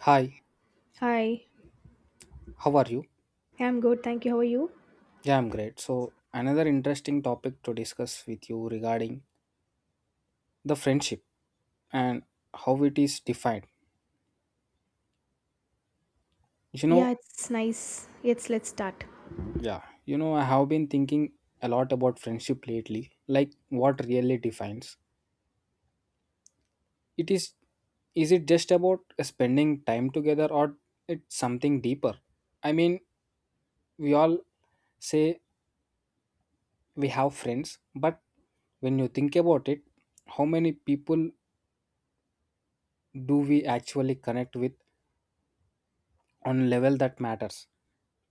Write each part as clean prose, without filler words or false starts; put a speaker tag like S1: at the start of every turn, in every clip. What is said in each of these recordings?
S1: Hi,
S2: Hi,
S1: how are you?
S2: I'm good. Thank you. How are you?
S1: Yeah, I'm great. So, another interesting topic to discuss with you regarding the friendship and how it is defined. You
S2: Yeah,
S1: know,
S2: it's nice. Yes, let's start.
S1: yeah, you know, I have been thinking a lot about friendship lately, like what really defines it. Is it just about spending time together, or it's something deeper? I mean, we all say we have friends, but when you think about it, how many people do we actually connect with on level that matters?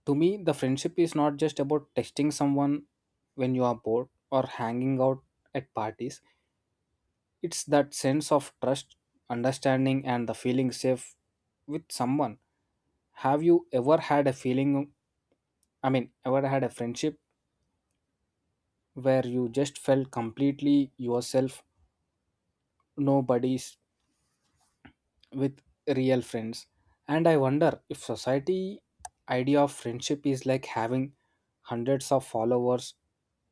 S1: To me, the friendship is not just about texting someone when you are bored or hanging out at parties. It's that sense of trust, understanding, and the feeling safe with someone. Have you ever had a feeling, I mean, ever had a friendship where you just felt completely yourself, nobody's with real friends? And I wonder if society idea of friendship is like having hundreds of followers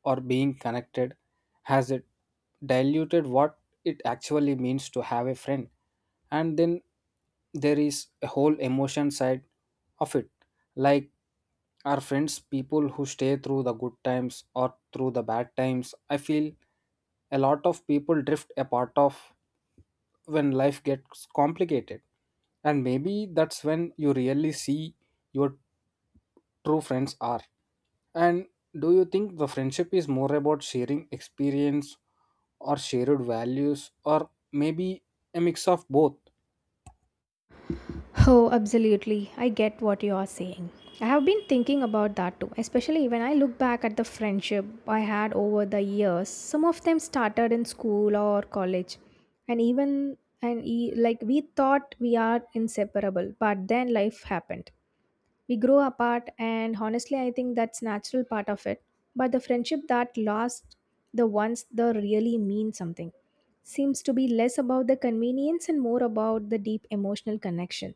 S1: or being connected, has it diluted what it actually means to have a friend? And then there is a whole emotion side of it, like are friends people who stay through the good times or through the bad times? I feel a lot of people drift apart of when life gets complicated. And maybe that's when you really see your true friends are. And do you think the friendship is more about sharing experience or shared values, or maybe a mix of both?
S2: Oh, absolutely. I get what you are saying. I have been thinking about that too, especially when I look back at the friendship I had over the years. Some of them started in school or college, and like we thought we are inseparable, but then life happened. We grow apart, and honestly, I think that's natural part of it. But the friendship that lasts, the ones that really mean something, seems to be less about the convenience and more about the deep emotional connection.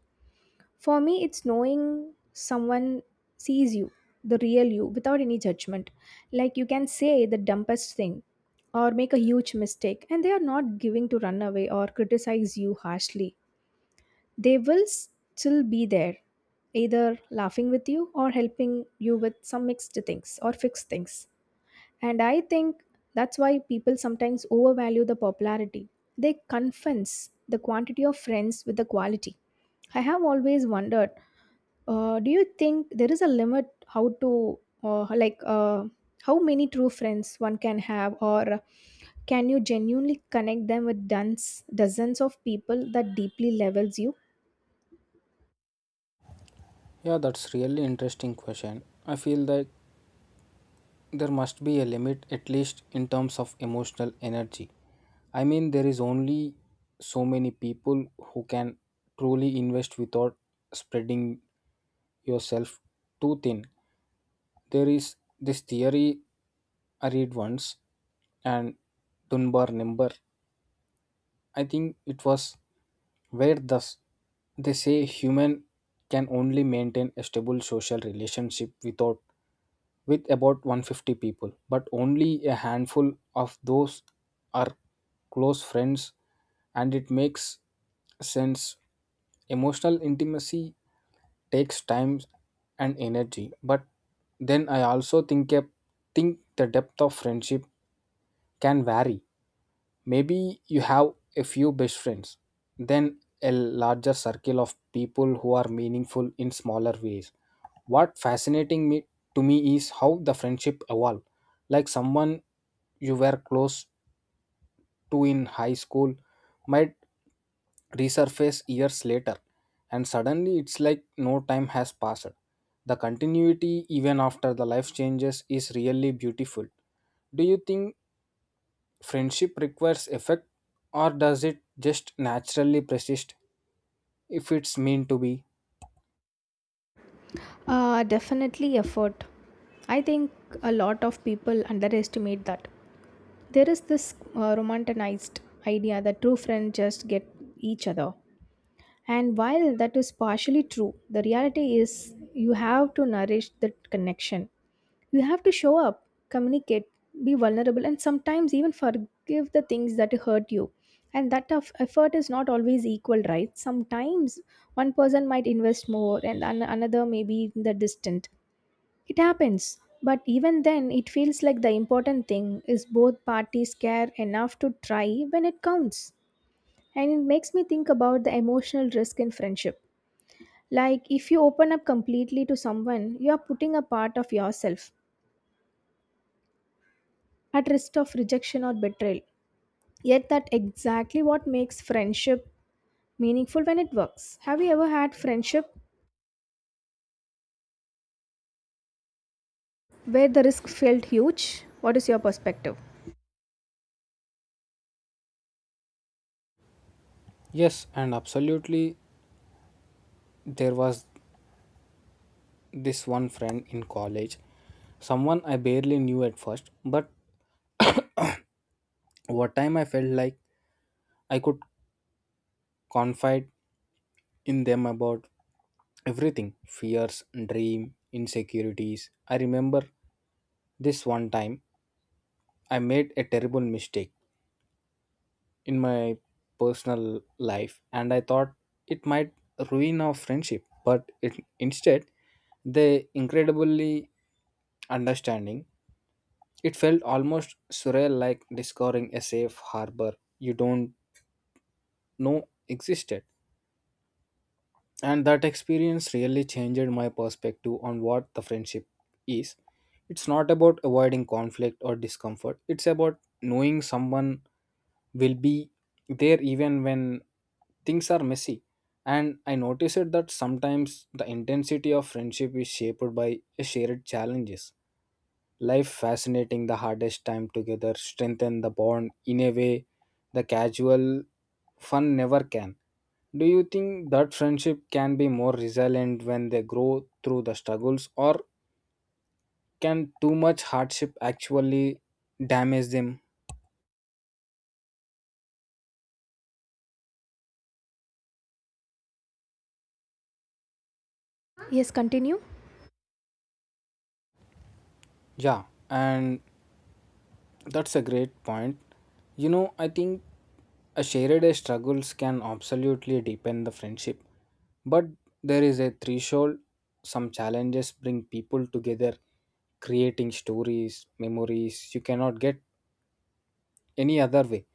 S2: For me, it's knowing someone sees you, the real you, without any judgment. Like you can say the dumbest thing or make a huge mistake, and they are not giving to run away or criticize you harshly. They will still be there, either laughing with you or helping you with some mixed things or fixed things. And I think that's why people sometimes overvalue the popularity. They confuse the quantity of friends with the quality. I have always wondered, do you think there is a limit how to, uh, like uh, how many true friends one can have? Or can you genuinely connect them with dozens of people that deeply levels you?
S1: Yeah, that's really interesting question. I feel that there must be a limit, at least in terms of emotional energy. I mean there is only so many people who can truly invest without spreading yourself too thin. There is this theory I read once, and Dunbar number. I think it was where thus they say human can only maintain a stable social relationship without with about 150 people, but only a handful of those are close friends, and it makes sense. Emotional intimacy takes time and energy, but then I also think the depth of friendship can vary. Maybe you have a few best friends, then a larger circle of people who are meaningful in smaller ways. What fascinating me to me is how the friendship evolve, like someone you were close to in high school might resurface years later, and suddenly it's like no time has passed. The continuity, even after the life changes, is really beautiful. Do you think friendship requires effect, or does it just naturally persist if it's meant to be?
S2: Definitely effort. I think a lot of people underestimate that. There is this romanticized idea that true friends just get each other. And while that is partially true, the reality is you have to nourish that connection. You have to show up, communicate, be vulnerable, and sometimes even forgive the things that hurt you. And that of effort is not always equal, right? Sometimes one person might invest more, and another may be in the distant. It happens, but even then, it feels like the important thing is both parties care enough to try when it counts. And it makes me think about the emotional risk in friendship. Like, if you open up completely to someone, you are putting a part of yourself at risk of rejection or betrayal. Yet, that exactly what makes friendship meaningful when it works. Have you ever had friendship where the risk felt huge? What is your perspective?
S1: Yes, and absolutely, there was this one friend in college, someone I barely knew at first, but over time I felt like I could confide in them about everything: fears, dream, insecurities. I remember this one time I made a terrible mistake in my personal life and I thought it might ruin our friendship, but it, instead, they incredibly understanding. It felt almost surreal, like discovering a safe harbor you don't know existed. And that experience really changed my perspective on what the friendship is. It's not about avoiding conflict or discomfort, it's about knowing someone will be there even when things are messy. And I noticed that sometimes the intensity of friendship is shaped by shared challenges. Life fascinating the hardest time together strengthen the bond in a way the casual fun never can. Do you think that friendship can be more resilient when they grow through the struggles, or can too much hardship actually damage them?
S2: Yes, continue.
S1: Yeah, and that's a great point. You know, I think a shared struggles can absolutely deepen the friendship, but there is a threshold. Some challenges bring people together, creating stories, memories you cannot get any other way.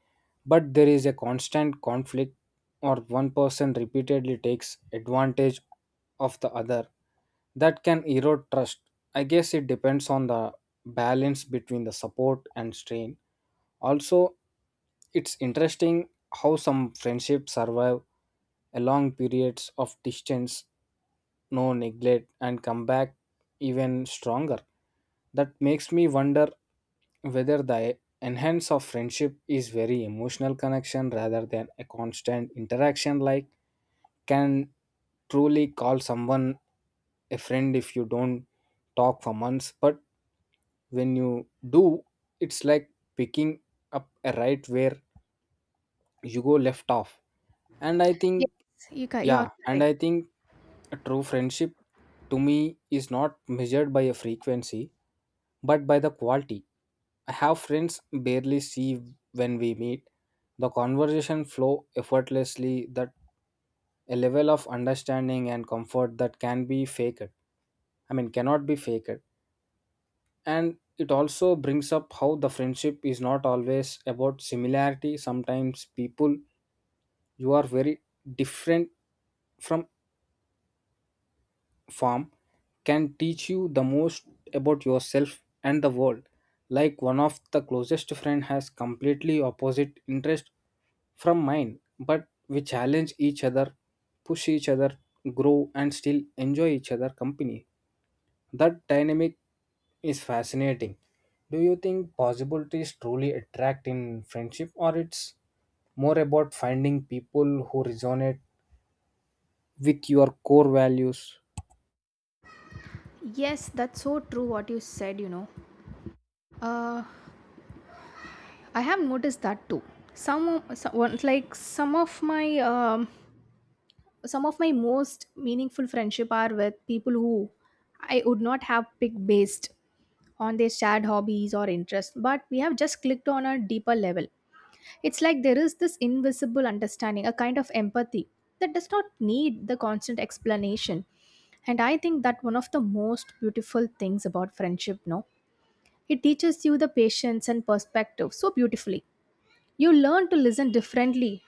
S1: But there is a constant conflict, or one person repeatedly takes advantage of the other that can erode trust. I guess it depends on the balance between the support and strain. Also, it's interesting how some friendships survive a long periods of distance, no neglect, and come back even stronger. That makes me wonder whether the enhance of friendship is very emotional connection rather than a constant interaction, like can truly call someone a friend if you don't talk for months, but when you do it's like picking up a right where you go left off and i
S2: Yes,
S1: think
S2: you are
S1: yeah and
S2: correct.
S1: i think a true friendship to me is not measured by a frequency but by the quality. I have friends barely see when we meet. The conversation flow effortlessly that a level of understanding and comfort that can be faked. I mean cannot be faked. And it also brings up how the friendship is not always about similarity. Sometimes people you are very different from farm can teach you the most about yourself and the world. Like one of the closest friend has completely opposite interest from mine, but we challenge each other, push each other, grow and still enjoy each other company. That dynamic is fascinating. Do you think possibilities truly attract in friendship, or it's more about finding people who resonate with your core values?
S2: Yes, that's so true what you said, you know. Uh, I have noticed that too. Some one- like some of my most meaningful friendship are with people who I would not have picked based on their shared hobbies or interests, but we have just clicked on a deeper level. It's like there is this invisible understanding, a kind of empathy that does not need the constant explanation. And I think that one of the most beautiful things about friendship, no? It teaches you the patience and perspective so beautifully. You learn to listen differently,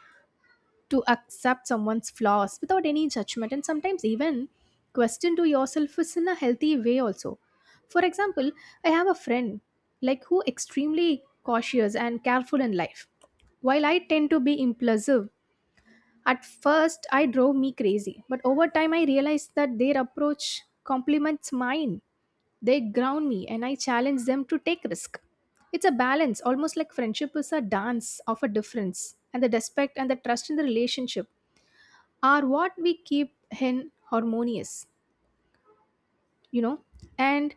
S2: to accept someone's flaws without any judgment, and sometimes even question to yourself is in a healthy way also. For example, I have a friend like who extremely cautious and careful in life. While I tend to be impulsive, at first I drove me crazy, but over time I realized that their approach complements mine. They ground me and I challenge them to take risk. It's a balance, almost like friendship is a dance of a difference, and the respect and the trust in the relationship are what we keep in harmonious, you know. And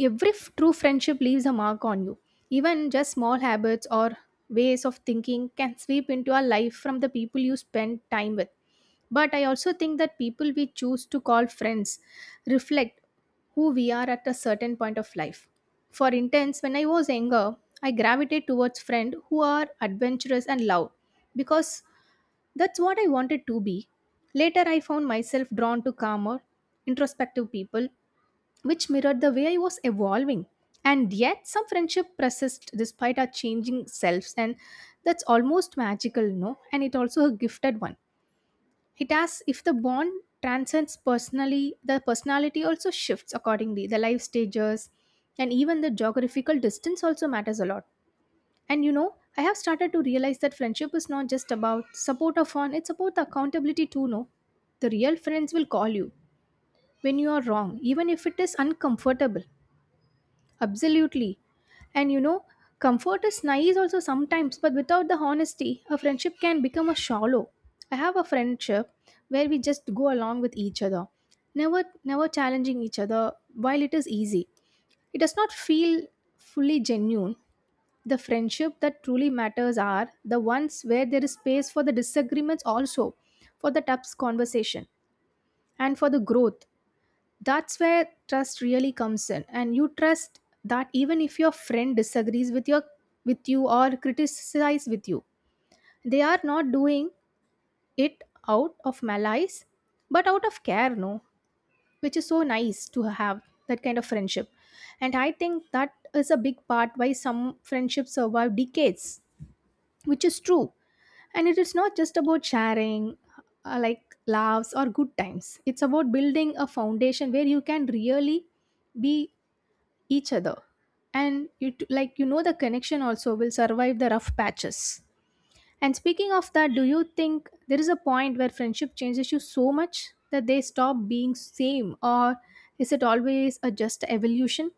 S2: every true friendship leaves a mark on you. Even just small habits or ways of thinking can sweep into our life from the people you spend time with. But I also think that people we choose to call friends reflect who we are at a certain point of life. For instance, when I was younger, I gravitated towards friends who are adventurous and loud because that's what I wanted to be. Later, I found myself drawn to calmer, introspective people which mirrored the way I was evolving. And yet, some friendship persist despite our changing selves, and that's almost magical, no? And it also a gifted one. It asks if the bond transcends personally, the personality also shifts accordingly. The life stages and even the geographical distance also matters a lot. And you know, I have started to realize that friendship is not just about support or fun, it's about the accountability too, no? The real friends will call you when you are wrong, even if it is uncomfortable. Absolutely. And you know, comfort is nice also sometimes, but without the honesty, a friendship can become a shallow. I have a friendship where we just go along with each other, never challenging each other while it is easy. It does not feel fully genuine. The friendship that truly matters are the ones where there is space for the disagreements also, for the tough conversation and for the growth. That's where trust really comes in, and you trust that even if your friend disagrees with your, with you, or criticize with you, they are not doing it out of malice but out of care, no? Which is so nice to have that kind of friendship. And I think that is a big part why some friendships survive decades, which is true. And it is not just about sharing like laughs or good times, it's about building a foundation where you can really be each other. And you t- like you know the connection also will survive the rough patches. And speaking of that, do you think there is a point where friendship changes you so much that they stop being same, or is it always a just evolution?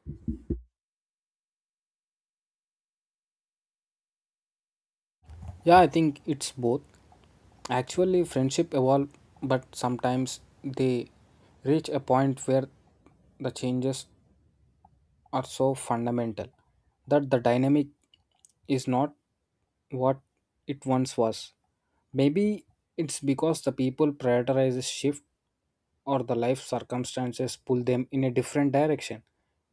S1: Yeah, I think it's both. Actually, friendship evolve, but sometimes they reach a point where the changes are so fundamental that the dynamic is not what it once was. Maybe it's because the people prioritize a shift or the life circumstances pull them in a different direction.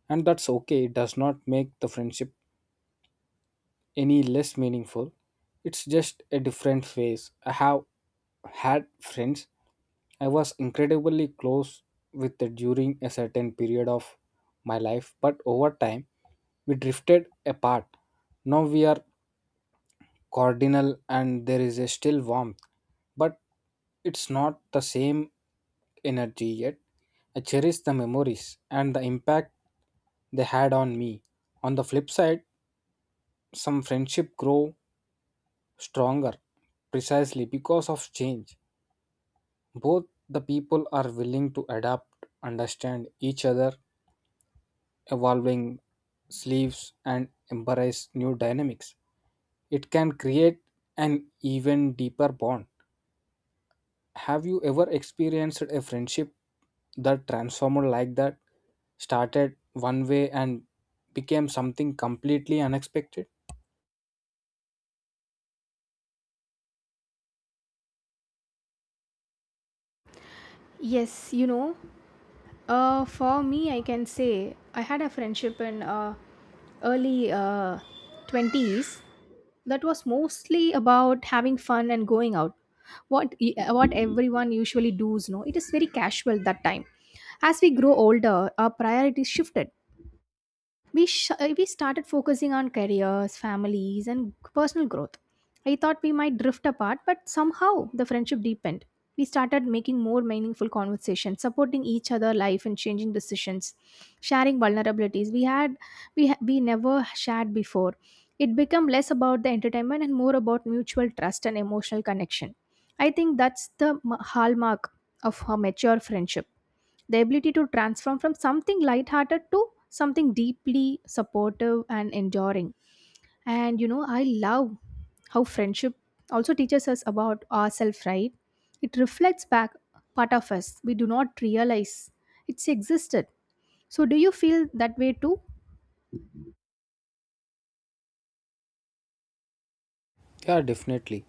S1: And that's okay, it does not make the friendship any less meaningful. It's just a different phase. I have had friends I was incredibly close with during a certain period of my life, but over time we drifted apart. Now we are cordial and there is a still warmth, but it's not the same energy yet. I cherish the memories and the impact they had on me. On the flip side, some friendship grow stronger precisely because of change. Both the people are willing to adapt, understand each other, evolving sleeves, and embrace new dynamics. It can create an even deeper bond. Have you ever experienced a friendship that transformed like that? Started one way and became something completely unexpected?
S2: Yes, you know. For me, I can say I had a friendship in early 20s that was mostly about having fun and going out. What what everyone usually does, no? It is very casual that time. As we grow older, our priorities shifted. We started focusing on careers, families, and personal growth. I thought we might drift apart, but somehow the friendship deepened. We started making more meaningful conversations, supporting each other life and changing decisions, sharing vulnerabilities we had. We never shared before. It became less about the entertainment and more about mutual trust and emotional connection. I think that's the hallmark of a mature friendship, the ability to transform from something lighthearted to something deeply supportive and enduring. And you know, I love how friendship also teaches us about ourselves, right? It reflects back part of us we do not realize it's existed. So, do you feel that way too?
S1: Yeah, definitely.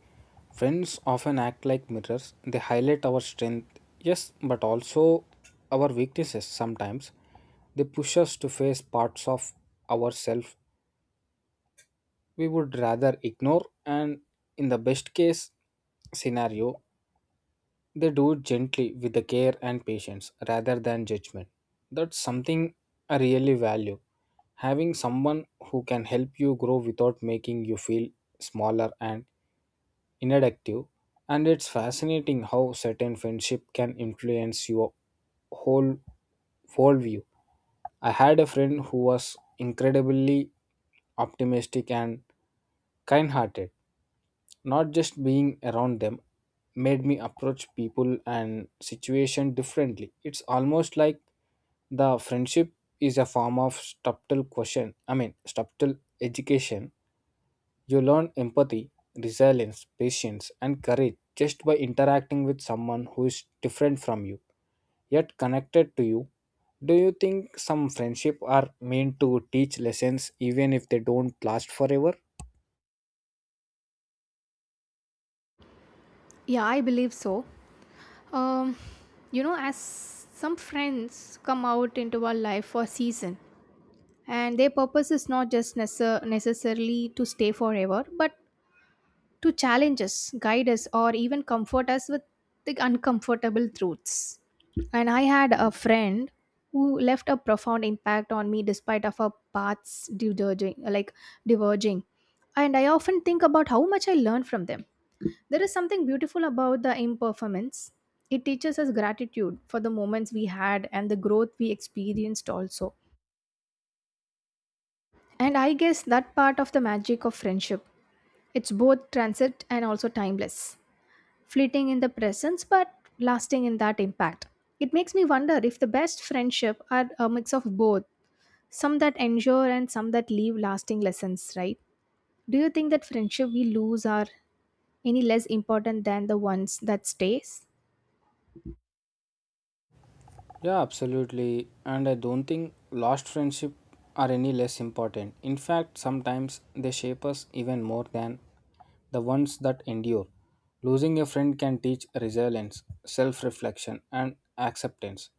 S1: Friends often act like mirrors. They highlight our strength, yes, but also our weaknesses sometimes. They push us to face parts of ourselves we would rather ignore, and in the best case scenario, they do it gently with the care and patience rather than judgment. That's something I really value. Having someone who can help you grow without making you feel smaller and inactive. And it's fascinating how certain friendship can influence your whole worldview. I had a friend who was incredibly optimistic and kind hearted, not just being around them made me approach people and situation differently. It's almost like the friendship is a form of subtle question, I mean subtle education. You learn empathy, resilience, patience, and courage just by interacting with someone who is different from you, yet connected to you. Do you think some friendship are meant to teach lessons even if they don't last forever?
S2: Yeah, I believe so. Um, you know, as some friends come out into our life for a season, and their purpose is not just necessarily to stay forever, but to challenge us, guide us, or even comfort us with the uncomfortable truths. And I had a friend who left a profound impact on me despite of our paths diverging. And I often think about how much I learned from them. There is something beautiful about the imperformance. It teaches us gratitude for the moments we had and the growth we experienced also. And I guess that part of the magic of friendship. It's both transit and also timeless, fleeting in the presence but lasting in that impact. It makes me wonder if the best friendship are a mix of both, some that endure and some that leave lasting lessons, right? Do you think that friendship we lose are any less important than the ones that stays?
S1: Yeah, absolutely. And I don't think lost friendship are any less important. In fact, sometimes they shape us even more than the ones that endure. Losing a friend can teach resilience, self reflection, and acceptance.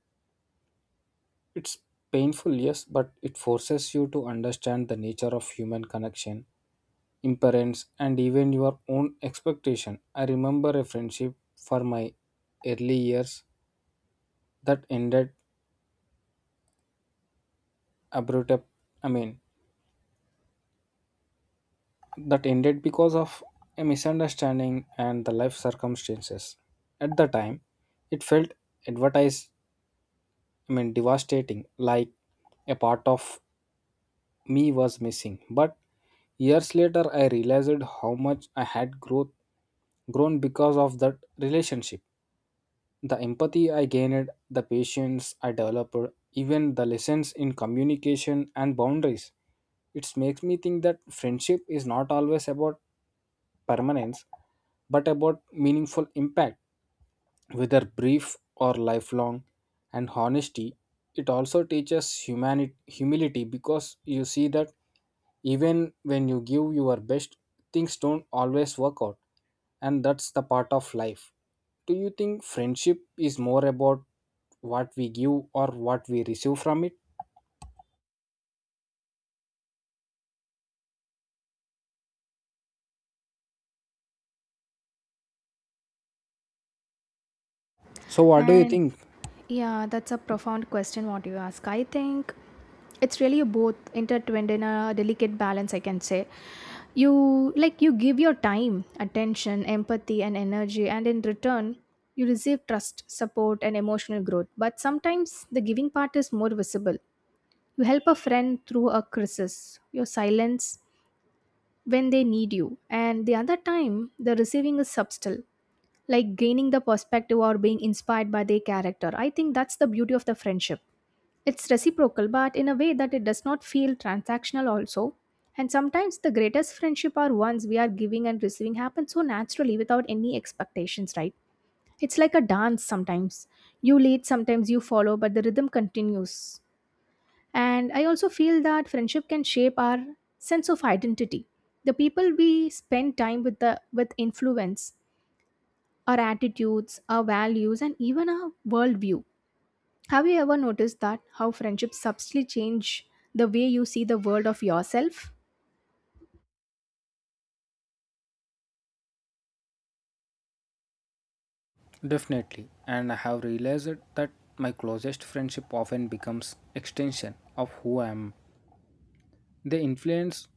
S1: It's painful, yes, but it forces you to understand the nature of human connection, imperance, and even your own expectation. I remember a friendship for my early years that ended abrupt, I mean that ended because of a misunderstanding and the life circumstances. At the time, it felt advertised, I mean devastating, like a part of me was missing. But years later, I realized how much I had growth, grown because of that relationship. The empathy I gained, the patience I developed, even the lessons in communication and boundaries. It makes me think that friendship is not always about permanence, but about meaningful impact, whether brief or lifelong. And honesty, it also teaches humanity humility, because you see that even when you give your best things don't always work out, and that's the part of life. Do you think friendship is more about what we give or what we receive from it? So what do you
S2: And
S1: think?
S2: yeah, that's a profound question what you ask. I think it's really both intertwined in a delicate balance, I can say. You give your time, attention, empathy and energy, and in return you receive trust, support and emotional growth. But sometimes the giving part is more visible. You help a friend through a crisis. Your silence when they need you, and the other time, the receiving is subtle, like gaining the perspective or being inspired by their character. I think that's the beauty of the friendship. It's reciprocal, but in a way that it does not feel transactional, also. And sometimes the greatest friendship are ones we are giving and receiving happen so naturally without any expectations, right? It's like a dance sometimes. You lead, sometimes you follow, but the rhythm continues. And I also feel that friendship can shape our sense of identity. The people we spend time with the with influence our attitudes, our values, and even our worldview. Have you ever noticed that how friendships subtly change the way you see the world of yourself?
S1: Definitely. And I have realized that my closest friendship often becomes extension of who I am. They influence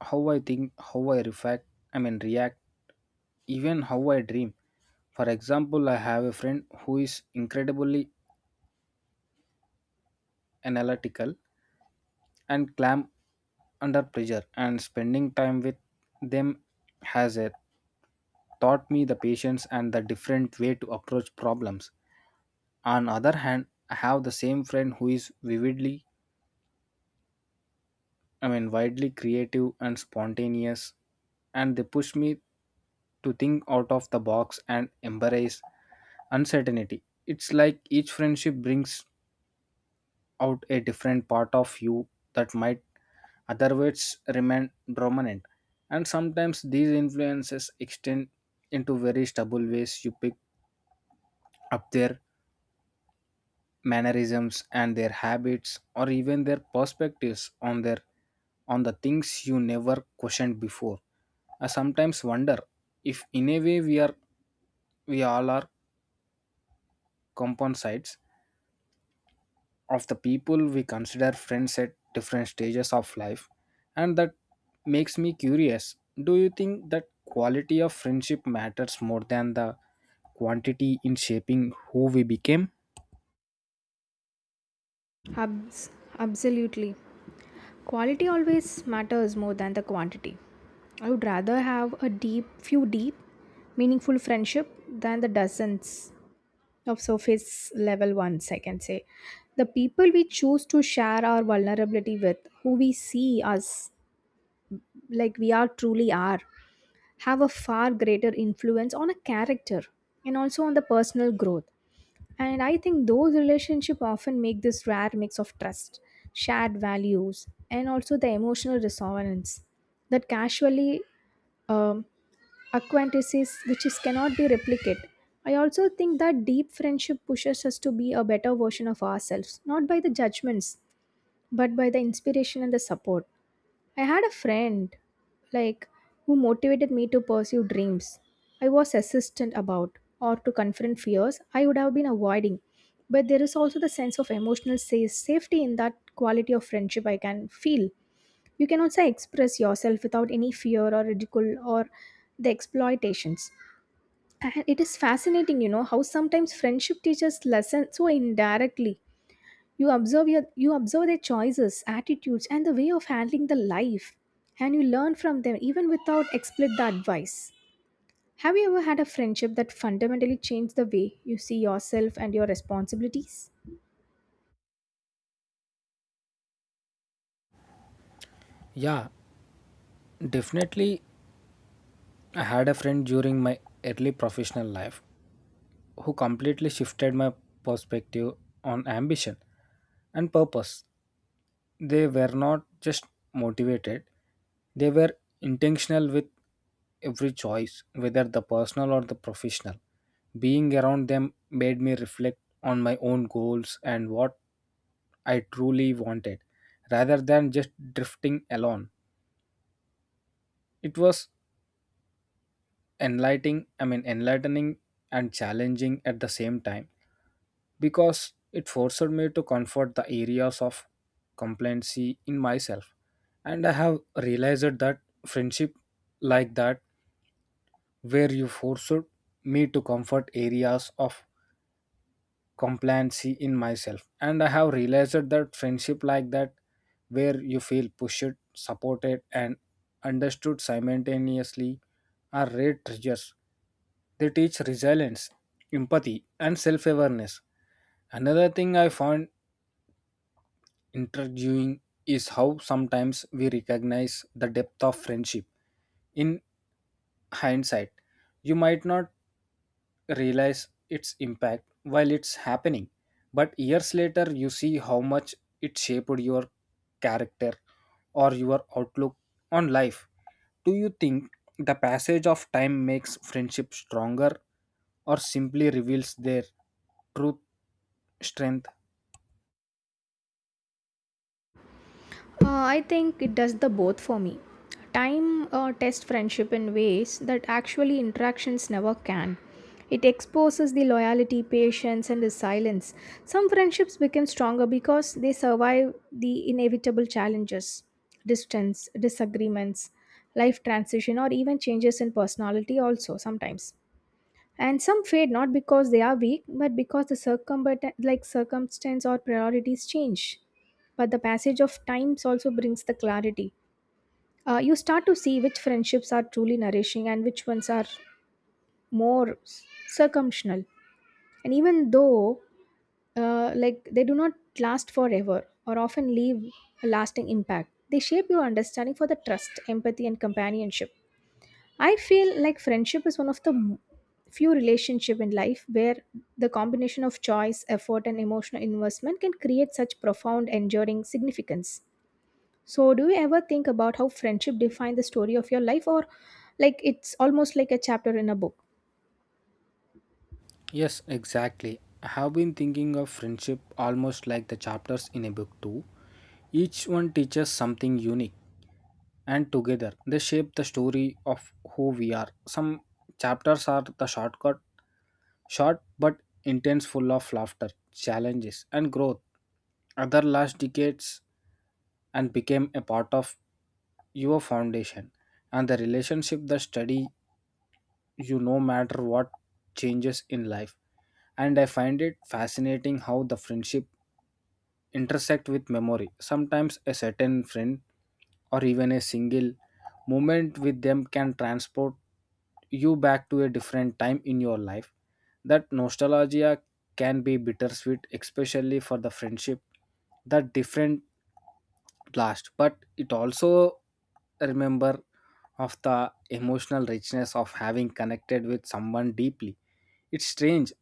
S1: how I think, how I reflect, I mean react, even how I dream. For example, I have a friend who is incredibly analytical and clam under pressure, and spending time with them has taught me the patience and the different way to approach problems. On other hand, I have the same friend who is vividly, I mean, widely creative and spontaneous, and they pushed me to think out of the box and embrace uncertainty. It's like each friendship brings out a different part of you that might otherwise remain dormant. And sometimes these influences extend into very stable ways. You pick up there mannerisms and their habits, or even their perspectives on their on the things you never questioned before. I sometimes wonder if in a way we all are composites of the people we consider friends at different stages of life, and that makes me curious. Do you think that quality of friendship matters more than the quantity in shaping who we became?
S2: Abs- Absolutely. Quality always matters more than the quantity. I would rather have a deep, few deep, meaningful friendship than the dozens of surface level ones, I can say. The people we choose to share our vulnerability with, who we see as we are truly are, have a far greater influence on a character and also on the personal growth. And I think those relationships often make this rare mix of trust, shared values, and also the emotional resonance that casually um, acquaintances which is cannot be replicated. I also think that deep friendship pushes us to be a better version of ourselves, not by the judgments, but by the inspiration and the support. I had a friend like who motivated me to pursue dreams I was hesitant about or to confront fears I would have been avoiding. But there is also the sense of emotional safety in that quality of friendship I can feel. You can also express yourself without any fear or ridicule or the exploitations. And it is fascinating, how sometimes friendship teaches lessons so indirectly. You observe their choices, attitudes, and the way of handling the life, and you learn from them even without explicit advice. Have you ever had a friendship that fundamentally changed the way you see yourself and your responsibilities?
S1: Yeah, definitely. I had a friend during my early professional life who completely shifted my perspective on ambition and purpose. They were not just motivated, they were intentional with every choice, whether the personal or the professional. Being around them made me reflect on my own goals and what I truly wanted rather than just drifting alone. It was enlightening, I mean enlightening and challenging at the same time, because it forced me to comfort the areas of complacency in myself. And I have realized that friendship like that, where you forced me to comfort areas of complacency in myself. And I have realized that friendship like that, where you feel pushed, supported and understood simultaneously, are rare treasures. They teach resilience, empathy and self-awareness. Another thing I found intriguing is how sometimes we recognize the depth of friendship in hindsight. You might not realize its impact while it's happening. But years later, you see how much it shaped your character or your outlook on life. Do you think the passage of time makes friendship stronger or simply reveals their truth strength?
S2: I think it does the both for me. Time tests friendship in ways that actually interactions never can. It exposes the loyalty, patience, and resilience. Some friendships become stronger because they survive the inevitable challenges, distance, disagreements, life transition, or even changes in personality, also sometimes, and some fade not because they are weak but because the circumstance or priorities change. But the passage of times also brings the clarity. You start to see which friendships are truly nourishing and which ones are more circumstantial. And even though they do not last forever or often leave a lasting impact, they shape your understanding for the trust, empathy, and companionship. I feel like friendship is one of the few relationship in life where the combination of choice, effort and emotional investment can create such profound enduring significance. So do you ever think about how friendship define the story of your life, or it's almost like a chapter in a book?
S1: Yes, exactly. I have been thinking of friendship almost like the chapters in a book, too. Each one teaches something unique, and together they shape the story of who we are. Some chapters are the shortcut, short but intense, full of laughter, challenges, and growth. Other last decades and became a part of your foundation and the relationship, the study you no matter what changes in life. And I find it fascinating how the friendship intersect with memory. Sometimes a certain friend or even a single moment with them can transport you back to a different time in your life. That nostalgia can be bittersweet, especially for the friendship that different last. But it also remember of the emotional richness of having connected with someone deeply. It's strange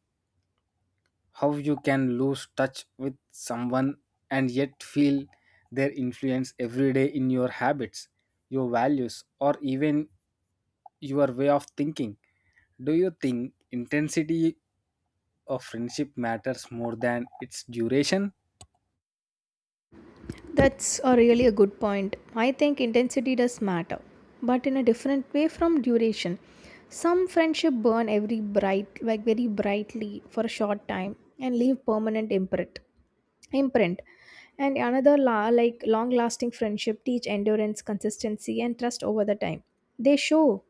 S1: how you can lose touch with someone and yet feel their influence every day in your habits, your values, or even your way of thinking. Do you think intensity of friendship matters more than its duration?
S2: That's a really a good point. I think intensity does matter, but in a different way from duration. Some friendship burn every bright like very brightly for a short time and leave permanent imprint, and another long lasting friendship teach endurance, consistency, and trust over the time. They show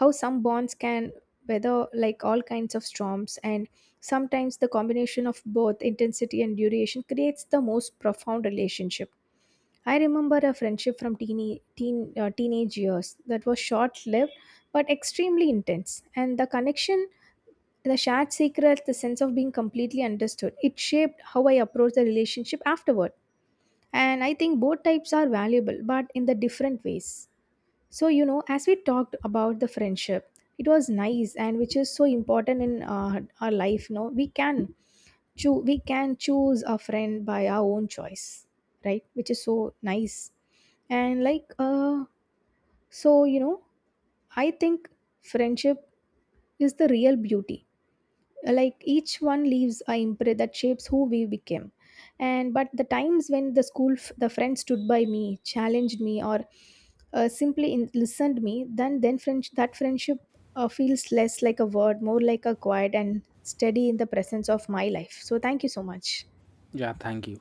S2: how some bonds can weather like all kinds of storms, and sometimes the combination of both intensity and duration creates the most profound relationship. I remember a friendship from teenage years that was short lived but extremely intense, and the connection, the shared secret, the sense of being completely understood, it shaped how I approached the relationship afterward. And I think both types are valuable, but in the different ways. So, as we talked about the friendship, it was nice and which is so important in our life. No, we can choose a friend by our own choice, right? Which is so nice. And so you know, I think friendship is the real beauty, like each one leaves a imprint that shapes who we became. And but the times when the friend stood by me, challenged me, or listened me, that friendship feels less like a word, more like a quiet and steady in the presence of my life. So thank you so much.
S1: Yeah, thank you.